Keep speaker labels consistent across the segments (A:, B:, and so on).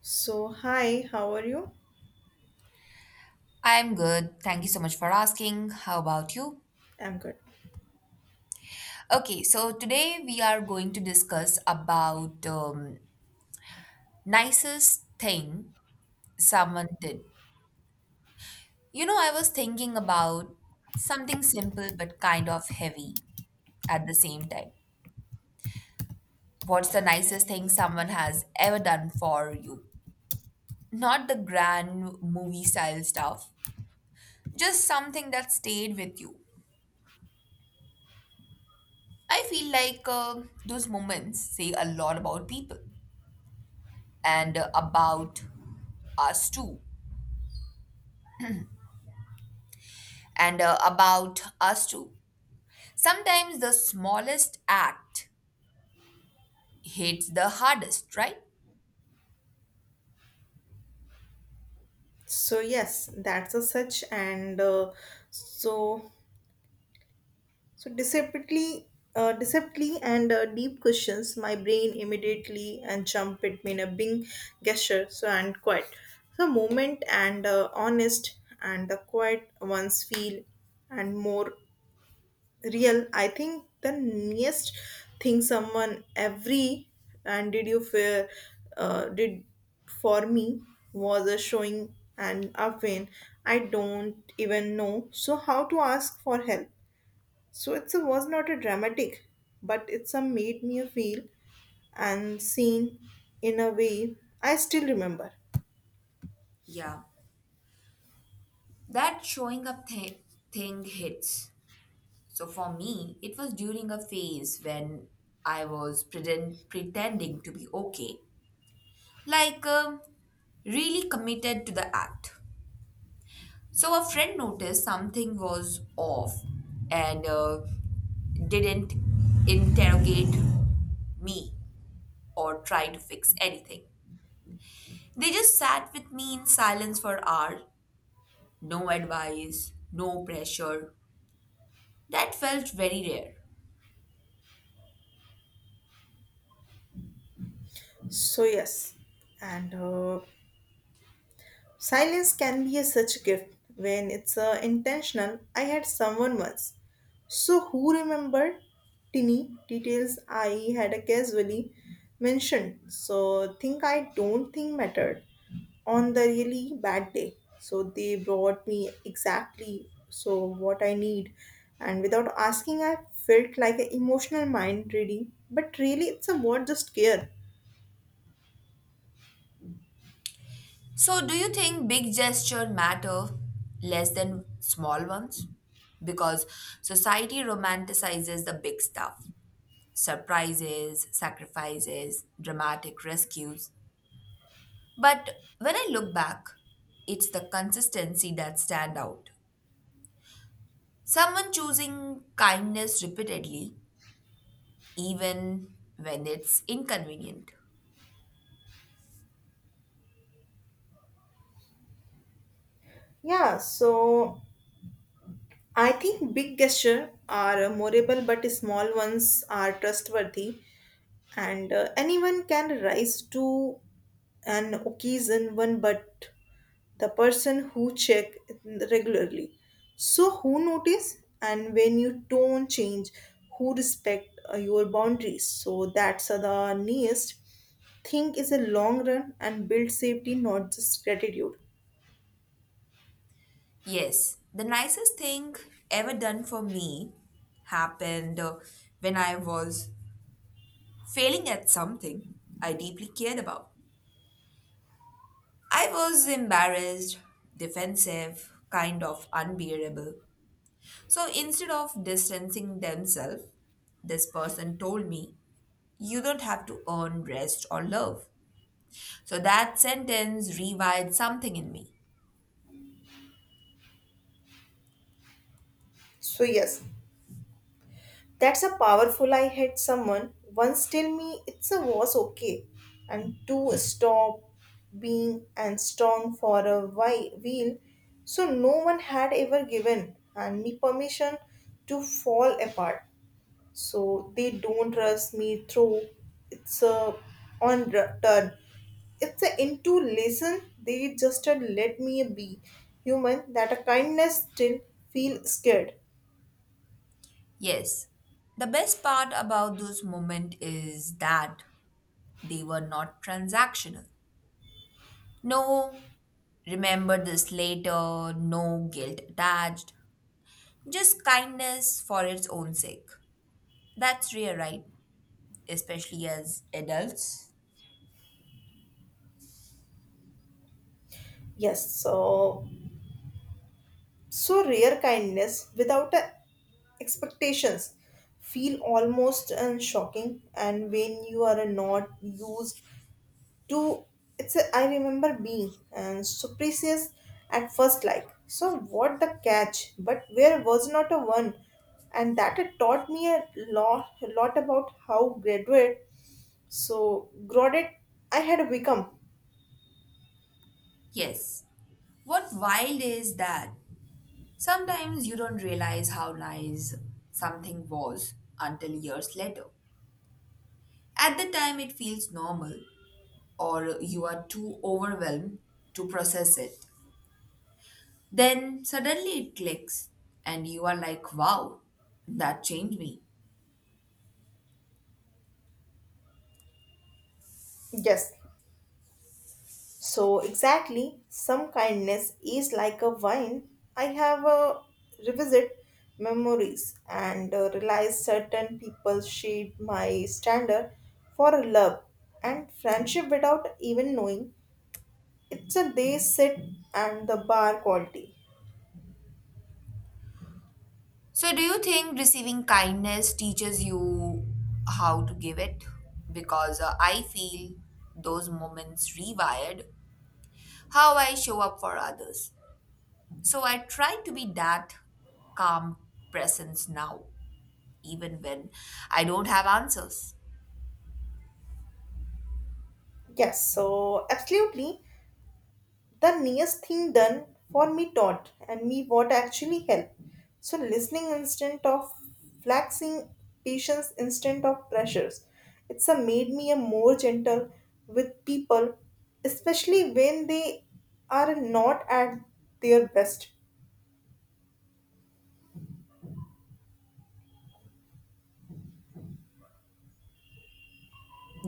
A: So, hi, how are you?
B: I'm good. Thank you so much for asking. How about you?
A: I'm good.
B: Okay, so today we are going to discuss about nicest thing someone did. You know, I was thinking about something simple but kind of heavy at the same time. What's the nicest thing someone has ever done for you? Not the grand movie style stuff, just something that stayed with you. I feel like those moments say a lot about people and about us too and about us too sometimes the smallest act hits the hardest, right?
A: So, yes, that's a such and so so deceptively and deep questions, my brain immediately and jump it in a bing gesture, so and quiet the moment, and honest and the quiet ones feel and more real. I think the nearest thing someone every and did you fear, did for me, was a showing and a pain. I don't even know so how to ask for help, so it's a, was not a dramatic, but it's a made me feel and seen in a way I still remember.
B: Yeah, that showing up thing hits. So for me it was during a phase when I was pretending to be okay, like really committed to the act. So a friend noticed something was off and didn't interrogate me or try to fix anything. They just sat with me in silence for hours, no advice, no pressure. That felt very rare.
A: So yes, and silence can be a such gift when it's intentional. I had someone once, so who remembered tinny details I had casually mentioned. So, think I don't think mattered on the really bad day. So they brought me exactly so what I need, and without asking, I felt like an emotional mind reading. But really, it's a word just care.
B: So, do you think big gestures matter less than small ones? Because society romanticizes the big stuff, surprises, sacrifices, dramatic rescues. But when I look back, it's the consistency that stand out. Someone choosing kindness repeatedly, even when it's inconvenient.
A: Yeah, so I think big gestures are memorable, but small ones are trustworthy, and anyone can rise to an occasion one, but the person who check regularly, so who notice and when you don't change, who respect your boundaries, so that's the next thing is a long run and build safety, not just gratitude.
B: Yes, the nicest thing ever done for me happened when I was failing at something I deeply cared about. I was embarrassed, defensive, kind of unbearable. So instead of distancing themselves, this person told me, you don't have to earn rest or love. So that sentence rewired something in me.
A: So yes, that's a powerful. I had someone once tell me it's a was okay and to stop being and strong for a while. So no one had ever given and me permission to fall apart. So they don't trust me through. It's a on turn. It's a into lesson. They just had let me be human. That a kindness still feel scared.
B: Yes. The best part about those moments is that they were not transactional. No, remember this later, no guilt attached. Just kindness for its own sake. That's rare, right? Especially as adults.
A: Yes, so so rare kindness without a expectations feel almost and shocking, and when you are not used to it's a, I remember being and so precious at first, like so what the catch, but where was not a one, and that it taught me a lot about how graduate so grodded I had become.
B: Yes. What wild is that, sometimes you don't realize how nice something was until years later. At the time, it feels normal, or you are too overwhelmed to process it. Then suddenly it clicks, and you are like, wow, that changed me.
A: Yes, so exactly, some kindness is like a wine. I have a revisit memories, and realize certain people shade my standard for love and friendship without even knowing. It's a they sit and the bar quality.
B: So, do you think receiving kindness teaches you how to give it? Because I feel those moments rewired how I show up for others. So I try to be that calm presence now, even when I don't have answers.
A: Yes, so absolutely, the nearest thing done for me taught and me what actually helped. So listening instead of flexing, patience instead of pressures. It's a made me a more gentle with people, especially when they are not at their best.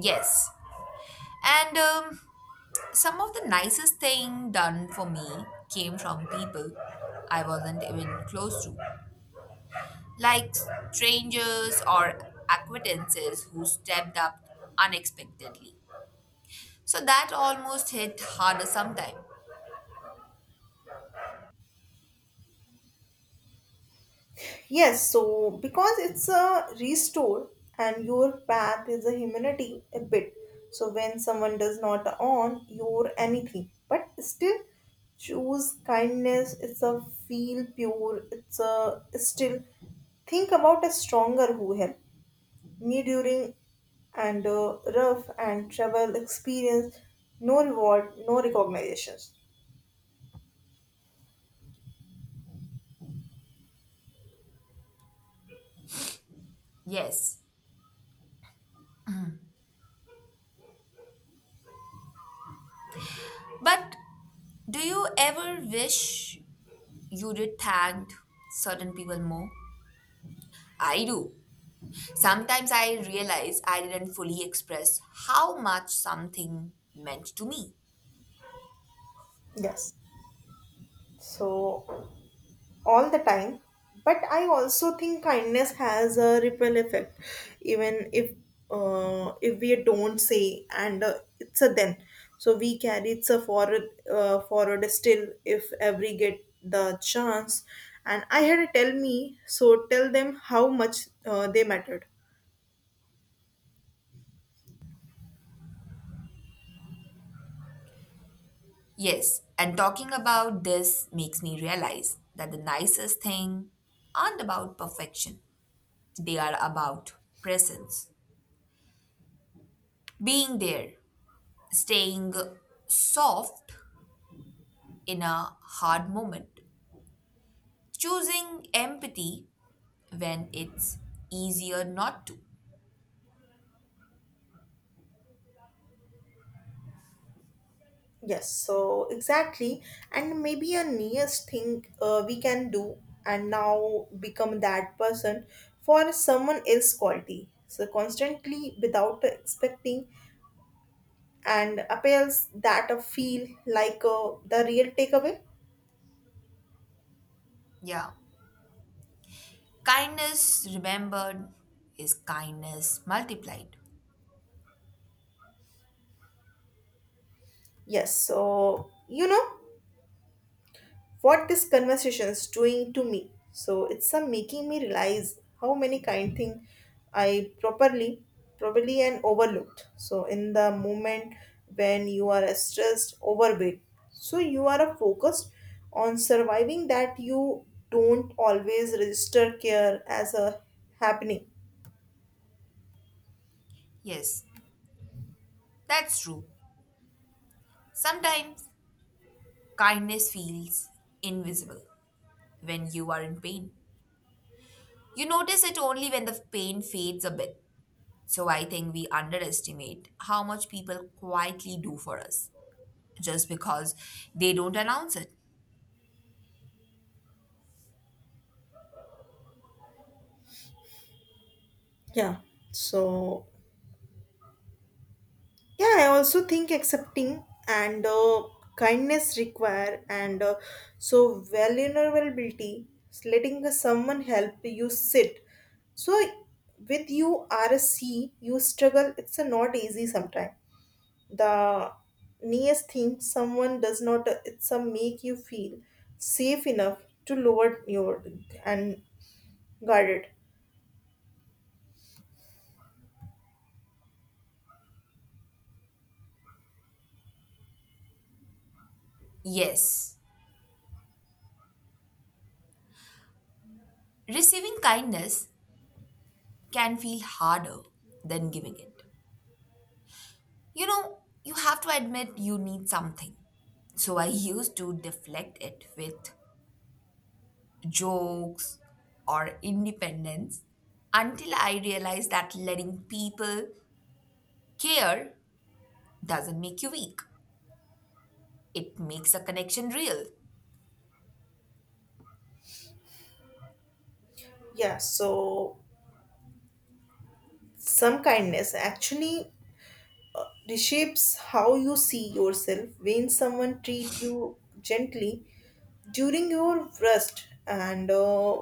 B: Yes. And some of the nicest thing done for me came from people I wasn't even close to, like strangers or acquaintances who stepped up unexpectedly. So that almost hit harder sometimes.
A: Yes, so because it's a restore and your path is a humanity a bit. So when someone does not on your anything, but still choose kindness, it's a feel pure, it's a still think about a stronger who help me during and rough and travel experience, no reward, no recognitions.
B: Yes. But do you ever wish you did thank certain people more? I do. Sometimes I realize I didn't fully express how much something meant to me.
A: Yes, so all the time, but I also think kindness has a ripple effect, even if we don't say and it's a then, so we carry it's a forward still if every get the chance, and I had a tell me so tell them how much they mattered.
B: Yes, and talking about this makes me realize that the nicest thing aren't about perfection. They are about presence. Being there, staying soft in a hard moment, choosing empathy when it's easier not to.
A: Yes, so exactly. And maybe a nearest thing we can do and now become that person for someone else's quality. So constantly without expecting and appeals, that a feel like the real takeaway.
B: Yeah, kindness remembered is kindness multiplied.
A: Yes, so you know what this conversation's doing to me. So it's some making me realize how many kind thing I properly, probably and overlooked. So in the moment when you are stressed, overweight, so you are focused on surviving, that you don't always register care as a happening.
B: Yes, that's true. Sometimes kindness feels invisible when you are in pain. You notice it only when the pain fades a bit. So I think we underestimate how much people quietly do for us just because they don't announce it.
A: Yeah. So yeah, I also think accepting and kindness require and so vulnerability, letting someone help you sit. So with you are a sea, you struggle. It's a not easy sometimes. The nearest thing someone does not it's a make you feel safe enough to lower your and guarded.
B: Yes, receiving kindness can feel harder than giving it. You know, you have to admit you need something. So I used to deflect it with jokes or independence until I realized that letting people care doesn't make you weak. It makes a connection real.
A: Yeah, so some kindness actually reshapes how you see yourself when someone treat you gently during your worst and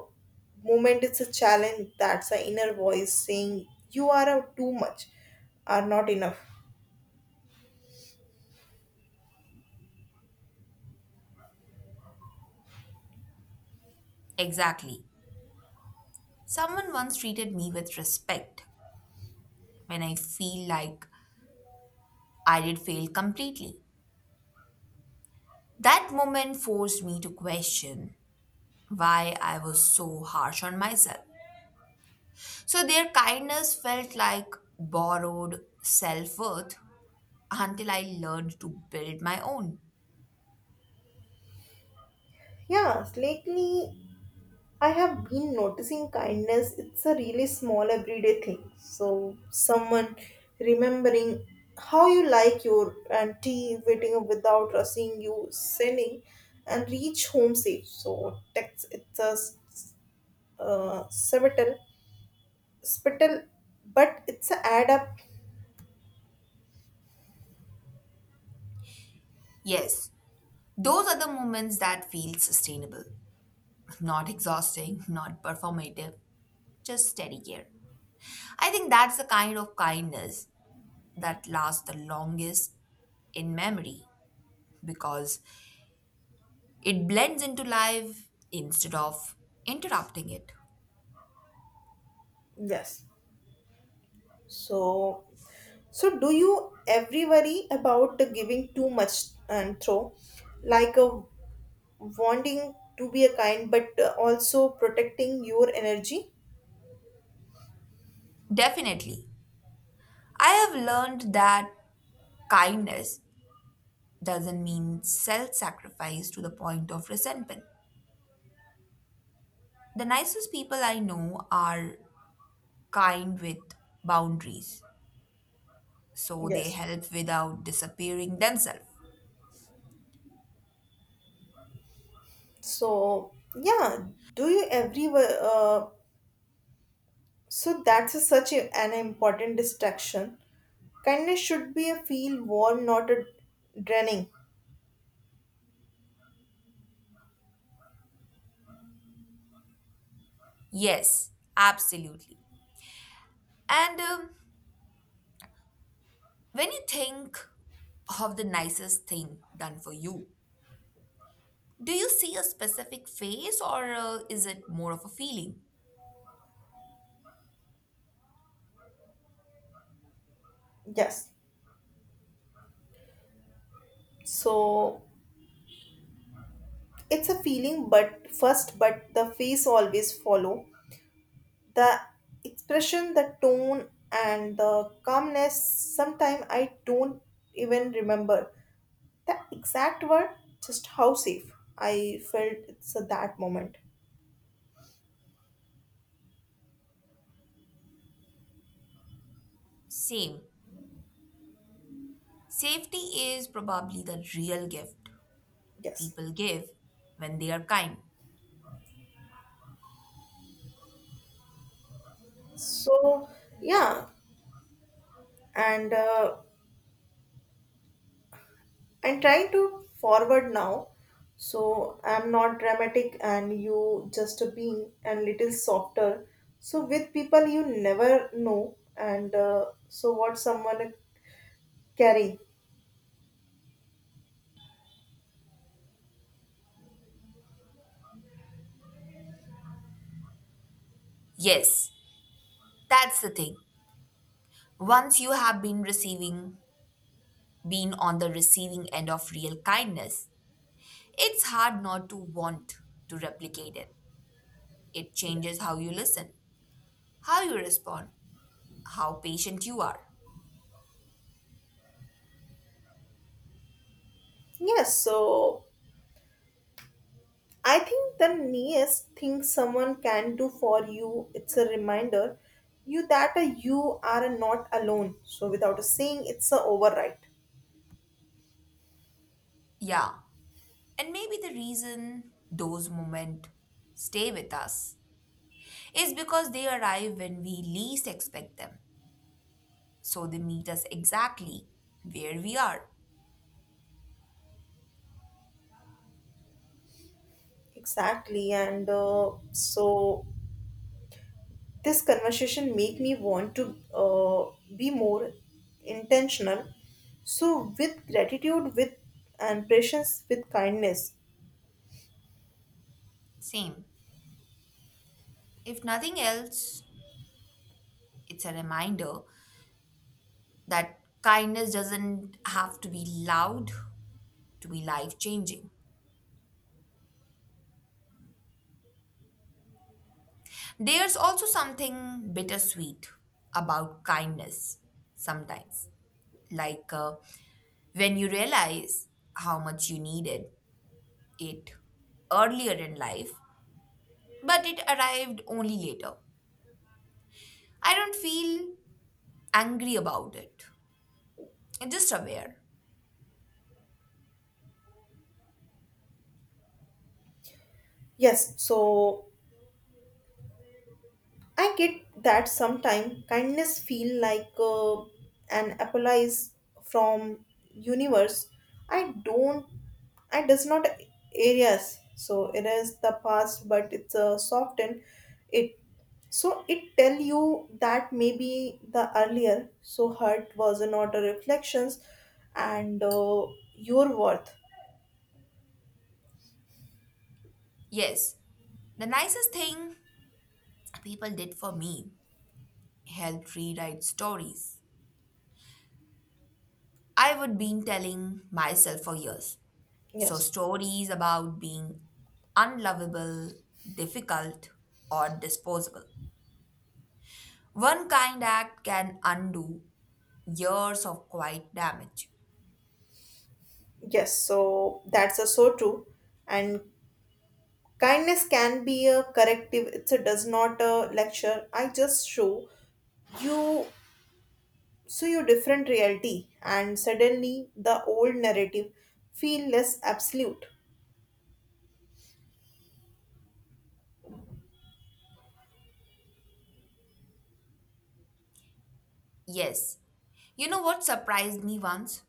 A: moment, it's a challenge that's the inner voice saying you are too much are not enough.
B: Exactly. Someone once treated me with respect when I feel like I did fail completely. That moment forced me to question why I was so harsh on myself. So their kindness felt like borrowed self worth until I learned to build my own.
A: Yeah, lately I have been noticing kindness. It's a really small everyday thing. So someone remembering how you like your and tea, waiting up without rushing you, sending and reach home safe. So text it's a spital, spital, but it's a add up.
B: Yes, those are the moments that feel sustainable, not exhausting, not performative, just steady care. I think that's the kind of kindness that lasts the longest in memory because it blends into life instead of interrupting it.
A: Yes. So, so, do you ever worry about the giving too much and throw? Like a wanting to be a kind, but also protecting your energy.
B: Definitely. I have learned that kindness doesn't mean self sacrifice to the point of resentment. The nicest people I know are kind with boundaries, so they
A: Yes,
B: help without disappearing themselves.
A: so yeah, do you every so that's a, such a, an important distraction. Kindness should be a feel warm, not a draining.
B: Yes, absolutely. And when you think of the nicest thing done for you, do you see a specific face, or is it more of a feeling?
A: Yes. So it's a feeling but first, but the face always follow the expression, the tone and the calmness. Sometimes I don't even remember the exact word, just how safe I felt it's at that moment.
B: Same. Safety is probably the real gift
A: Yes.
B: people give when they are kind.
A: So yeah, and I'm trying to forward now. So I'm not dramatic, and you just a being and little softer. So with people you never know, and so what someone carry.
B: Yes, that's the thing. Once you have been been on the receiving end of real kindness, it's hard not to want to replicate it. It
A: Yes.
B: changes how you listen, how you respond, how patient you are.
A: Yes. So I think the nearest thing someone can do for you, it's a reminder you that you are not alone. So without a saying, it's a override.
B: Yeah, and maybe the reason those moments stay with us is because they arrive when we least expect them. So they meet us exactly where we are.
A: Exactly. And so this conversation make me want to be more intentional. So with gratitude, with and patience, with kindness.
B: Same. If nothing else, it's a reminder that kindness doesn't have to be loud to be life changing. There's also something bittersweet about kindness sometimes, like uh, when you realize how much you needed it earlier in life, but it arrived only later. I don't feel angry about it, I'm just aware.
A: Yes. So I get that sometimes kindness feel like an apologize from universe. I don't. I does not areas. So it is the past, but it's a softened. It, so it tell you that maybe the earlier so hurt was not a reflections, and your worth.
B: Yes, the nicest thing people did for me helped rewrite stories I would been telling myself for years. So
A: Yes.
B: stories about being unlovable, difficult, or disposable. One kind act can undo years of quiet damage.
A: yes. So that's a so true, and kindness can be a corrective. It's a does not a lecture. I just show you so you different reality, and suddenly the old narrative feel less absolute.
B: Yes. You know what surprised me once?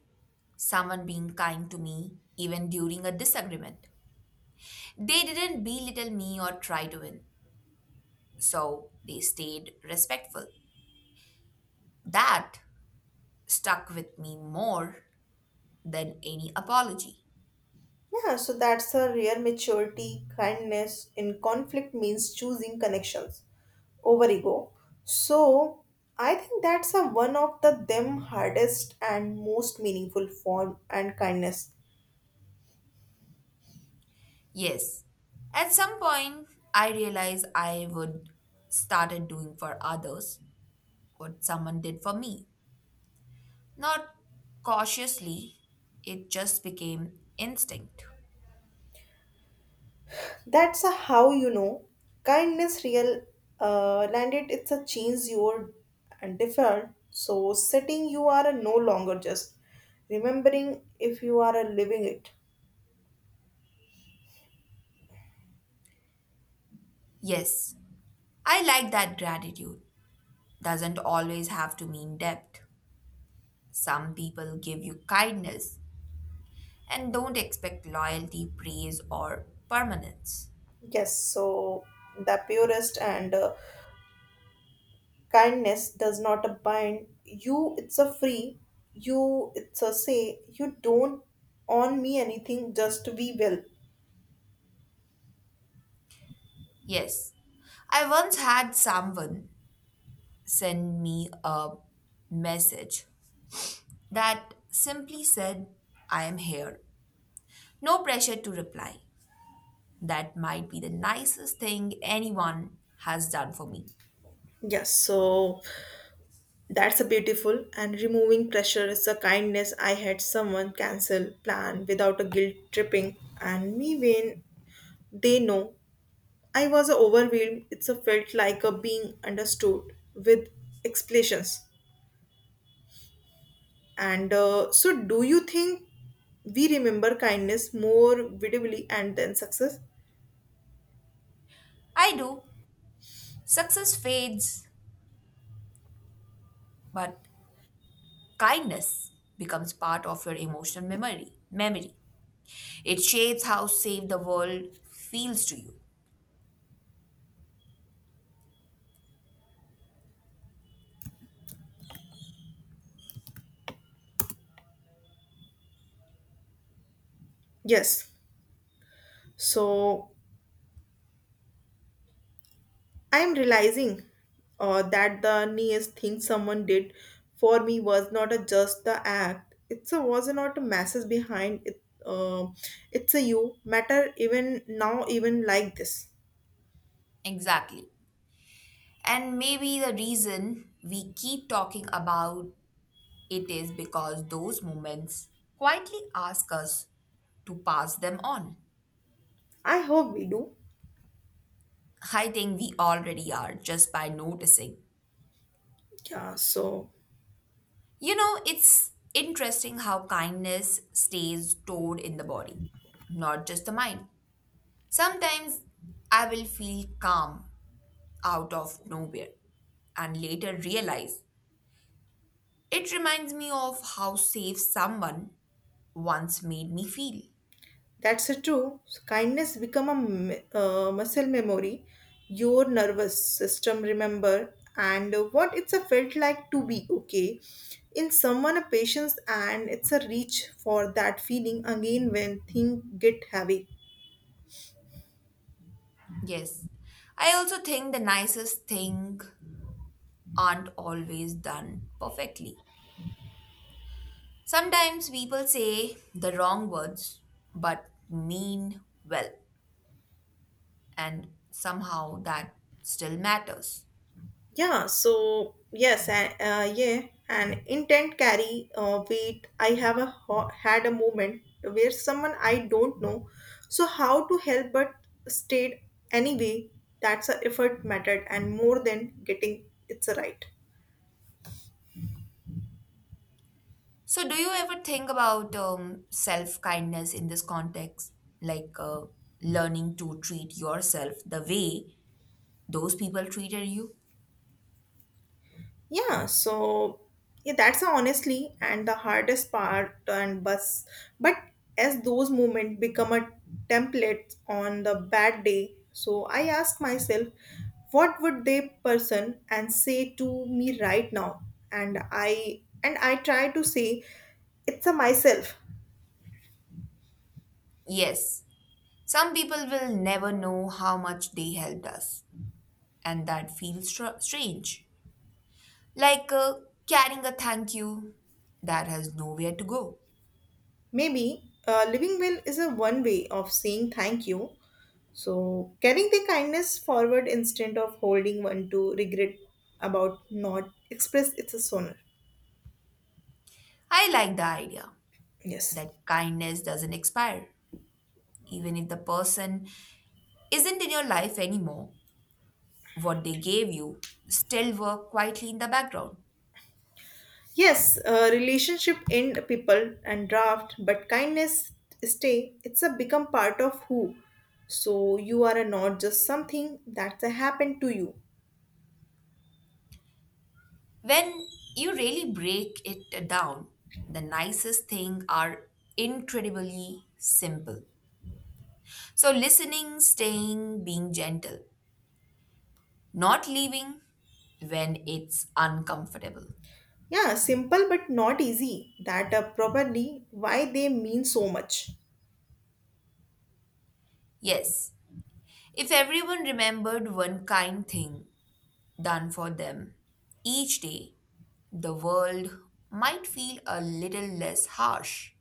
B: Someone being kind to me even during a disagreement. They didn't belittle me or try to win. So they stayed respectful. That stuck with me more than any apology.
A: Yeah, so that's a real maturity. Kindness in conflict means choosing connections over ego. So I think that's a one of the them hardest and most meaningful form and kindness.
B: Yes. At some point, I realized I would started doing for others what someone did for me. Not cautiously, it just became instinct.
A: That's a how you know kindness real landed. It's a change your and default. So setting you are a no longer just remembering if you are a living it.
B: Yes, I like that gratitude doesn't always have to mean debt. Some people give you kindness and don't expect loyalty, praise, or permanence.
A: Yes. So the purest and kindness does not a bind you. It's a free you. It's a say you don't on me anything. Just we will.
B: Yes, I once had someone send me a message that simply said, I am here. No pressure to reply. That might be the nicest thing anyone has done for me.
A: Yes. So that's a beautiful, and removing pressure is a kindness. I had someone cancel plan without a guilt tripping and me when they know I was overwhelmed. It's a felt like a being understood with explanations, and so do you think we remember kindness more vividly and then success?
B: I do. Success fades, but kindness becomes part of your emotional memory. It shapes how safe the world feels to you.
A: Yes, so I am realizing that the nearest thing someone did for me was not a just the act. It's a was not a message behind it. It's a you matter even now, even like this.
B: Exactly. And maybe the reason we keep talking about it is because those moments quietly ask us to pass them on.
A: I hope we do.
B: I think we already are, just by noticing.
A: Yeah. So
B: You know, it's interesting how kindness stays stored in the body, not just the mind. Sometimes I will feel calm out of nowhere and later realize it reminds me of how safe someone once made me feel.
A: that's a true. Kindness become a muscle memory. Your nervous system remember and what it's a felt like to be okay in someone a patience, and it's a reach for that feeling again when things get heavy.
B: Yes, I also think the nicest thing aren't always done perfectly. Sometimes people say the wrong words but mean well, and somehow that still matters.
A: Yeah, and intent carry weight. I have a had a moment where someone I don't know, so how to help but stayed anyway. That's a effort mattered and more than getting it's right.
B: So, do you ever think about self kindness in this context? Like uh, learning to treat yourself the way those people treated you?
A: Yeah, so yeah, that's a honestly and the hardest part and bus, but as those moments become a template on the bad day, so I ask myself, what would they person and say to me right now? And I try to say it's a myself.
B: Yes, some people will never know how much they helped us, and that feels strange. Like uh, carrying a thank you that has nowhere to go.
A: Maybe living well is a one way of saying thank you. So carrying the kindness forward instead of holding one to regret about not express it's a sooner.
B: I like the idea
A: Yes.
B: that kindness doesn't expire. Even if the person isn't in your life anymore, what they gave you still work quietly in the background.
A: Yes, relationship end people and draft, but kindness stay. It's a become part of who. So you are a not just something that's a happened to you.
B: When you really break it down, the nicest things are incredibly simple. So, listening, staying, being gentle, not leaving when it's uncomfortable.
A: Yeah, simple but not easy. That are probably why they mean so much.
B: Yes, if everyone remembered one kind thing done for them each day, the world might feel a little less harsh.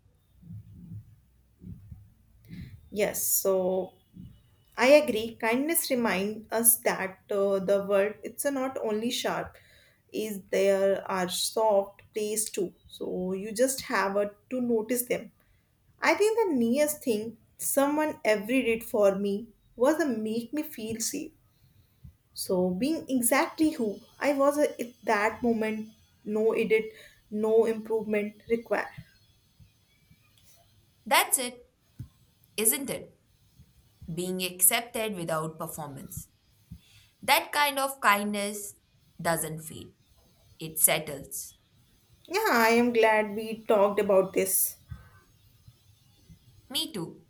A: Yes, so I agree. Kindness remind us that the world it's a not only sharp, is there are soft places too. So you just have a, to notice them. I think the nearest thing someone ever did for me was to make me feel safe. So being exactly who I was at that moment, no edit, no improvement required.
B: That's it, isn't it? Being accepted without performance. That kind of kindness doesn't fade, it settles.
A: Yeah, I am glad we talked about this.
B: Me too.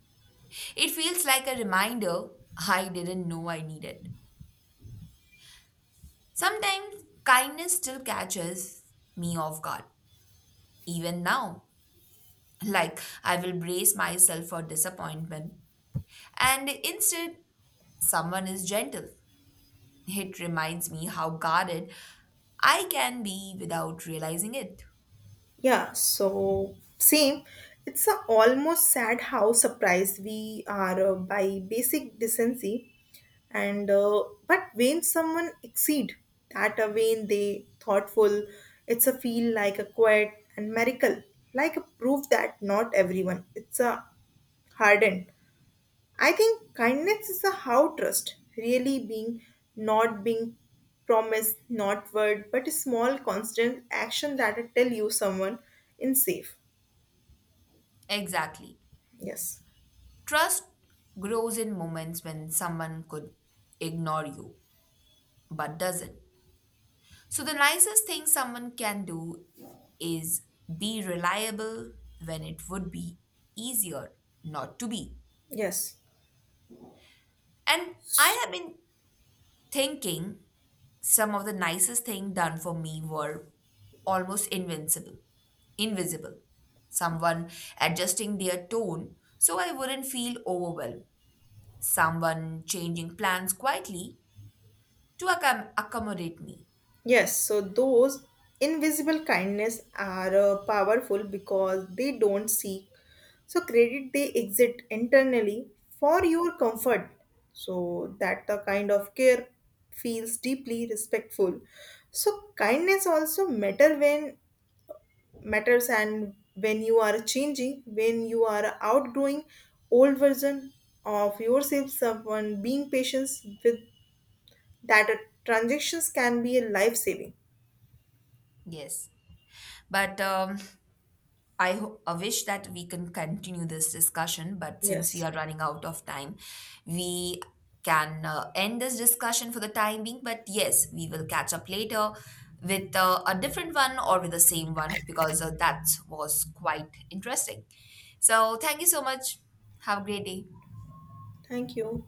B: It feels like a reminder I didn't know I needed. Sometimes kindness still catches me off guard, even now. Like I will brace myself for disappointment, and instead someone is gentle. It reminds me how guarded I can be without realizing it.
A: Yeah, so same. It's a almost sad how surprised we are by basic decency, and but when someone exceed that, when they thoughtful, it's a feel like a quiet and miracle, like a proof that not everyone. It's a hardened. I think kindness is a how trust really being, not being promised, not word, but a small constant action that I tell you someone in safe.
B: Exactly.
A: Yes,
B: Trust grows in moments when someone could ignore you but doesn't. So, the nicest thing someone can do is be reliable when it would be easier not to be.
A: yes,
B: And I have been thinking some of the nicest things done for me were almost invincible invisible. Someone adjusting their tone so I wouldn't feel overwhelmed, someone changing plans quietly to accommodate me.
A: yes. So those invisible kindness are powerful because they don't seek. So credit they exit internally for your comfort. So that the kind of care feels deeply respectful. So kindness also matter when matters and when you are changing, when you are outgrowing old version of yourself, someone being patient with that transactions can be a life saving.
B: Yes, but I wish that we can continue this discussion, but since we
A: Yes.
B: are running out of time, we can end this discussion for the time being. But yes, we will catch up later with a different one or with the same one because that was quite interesting. So, thank you so much. Have a great day.
A: Thank you.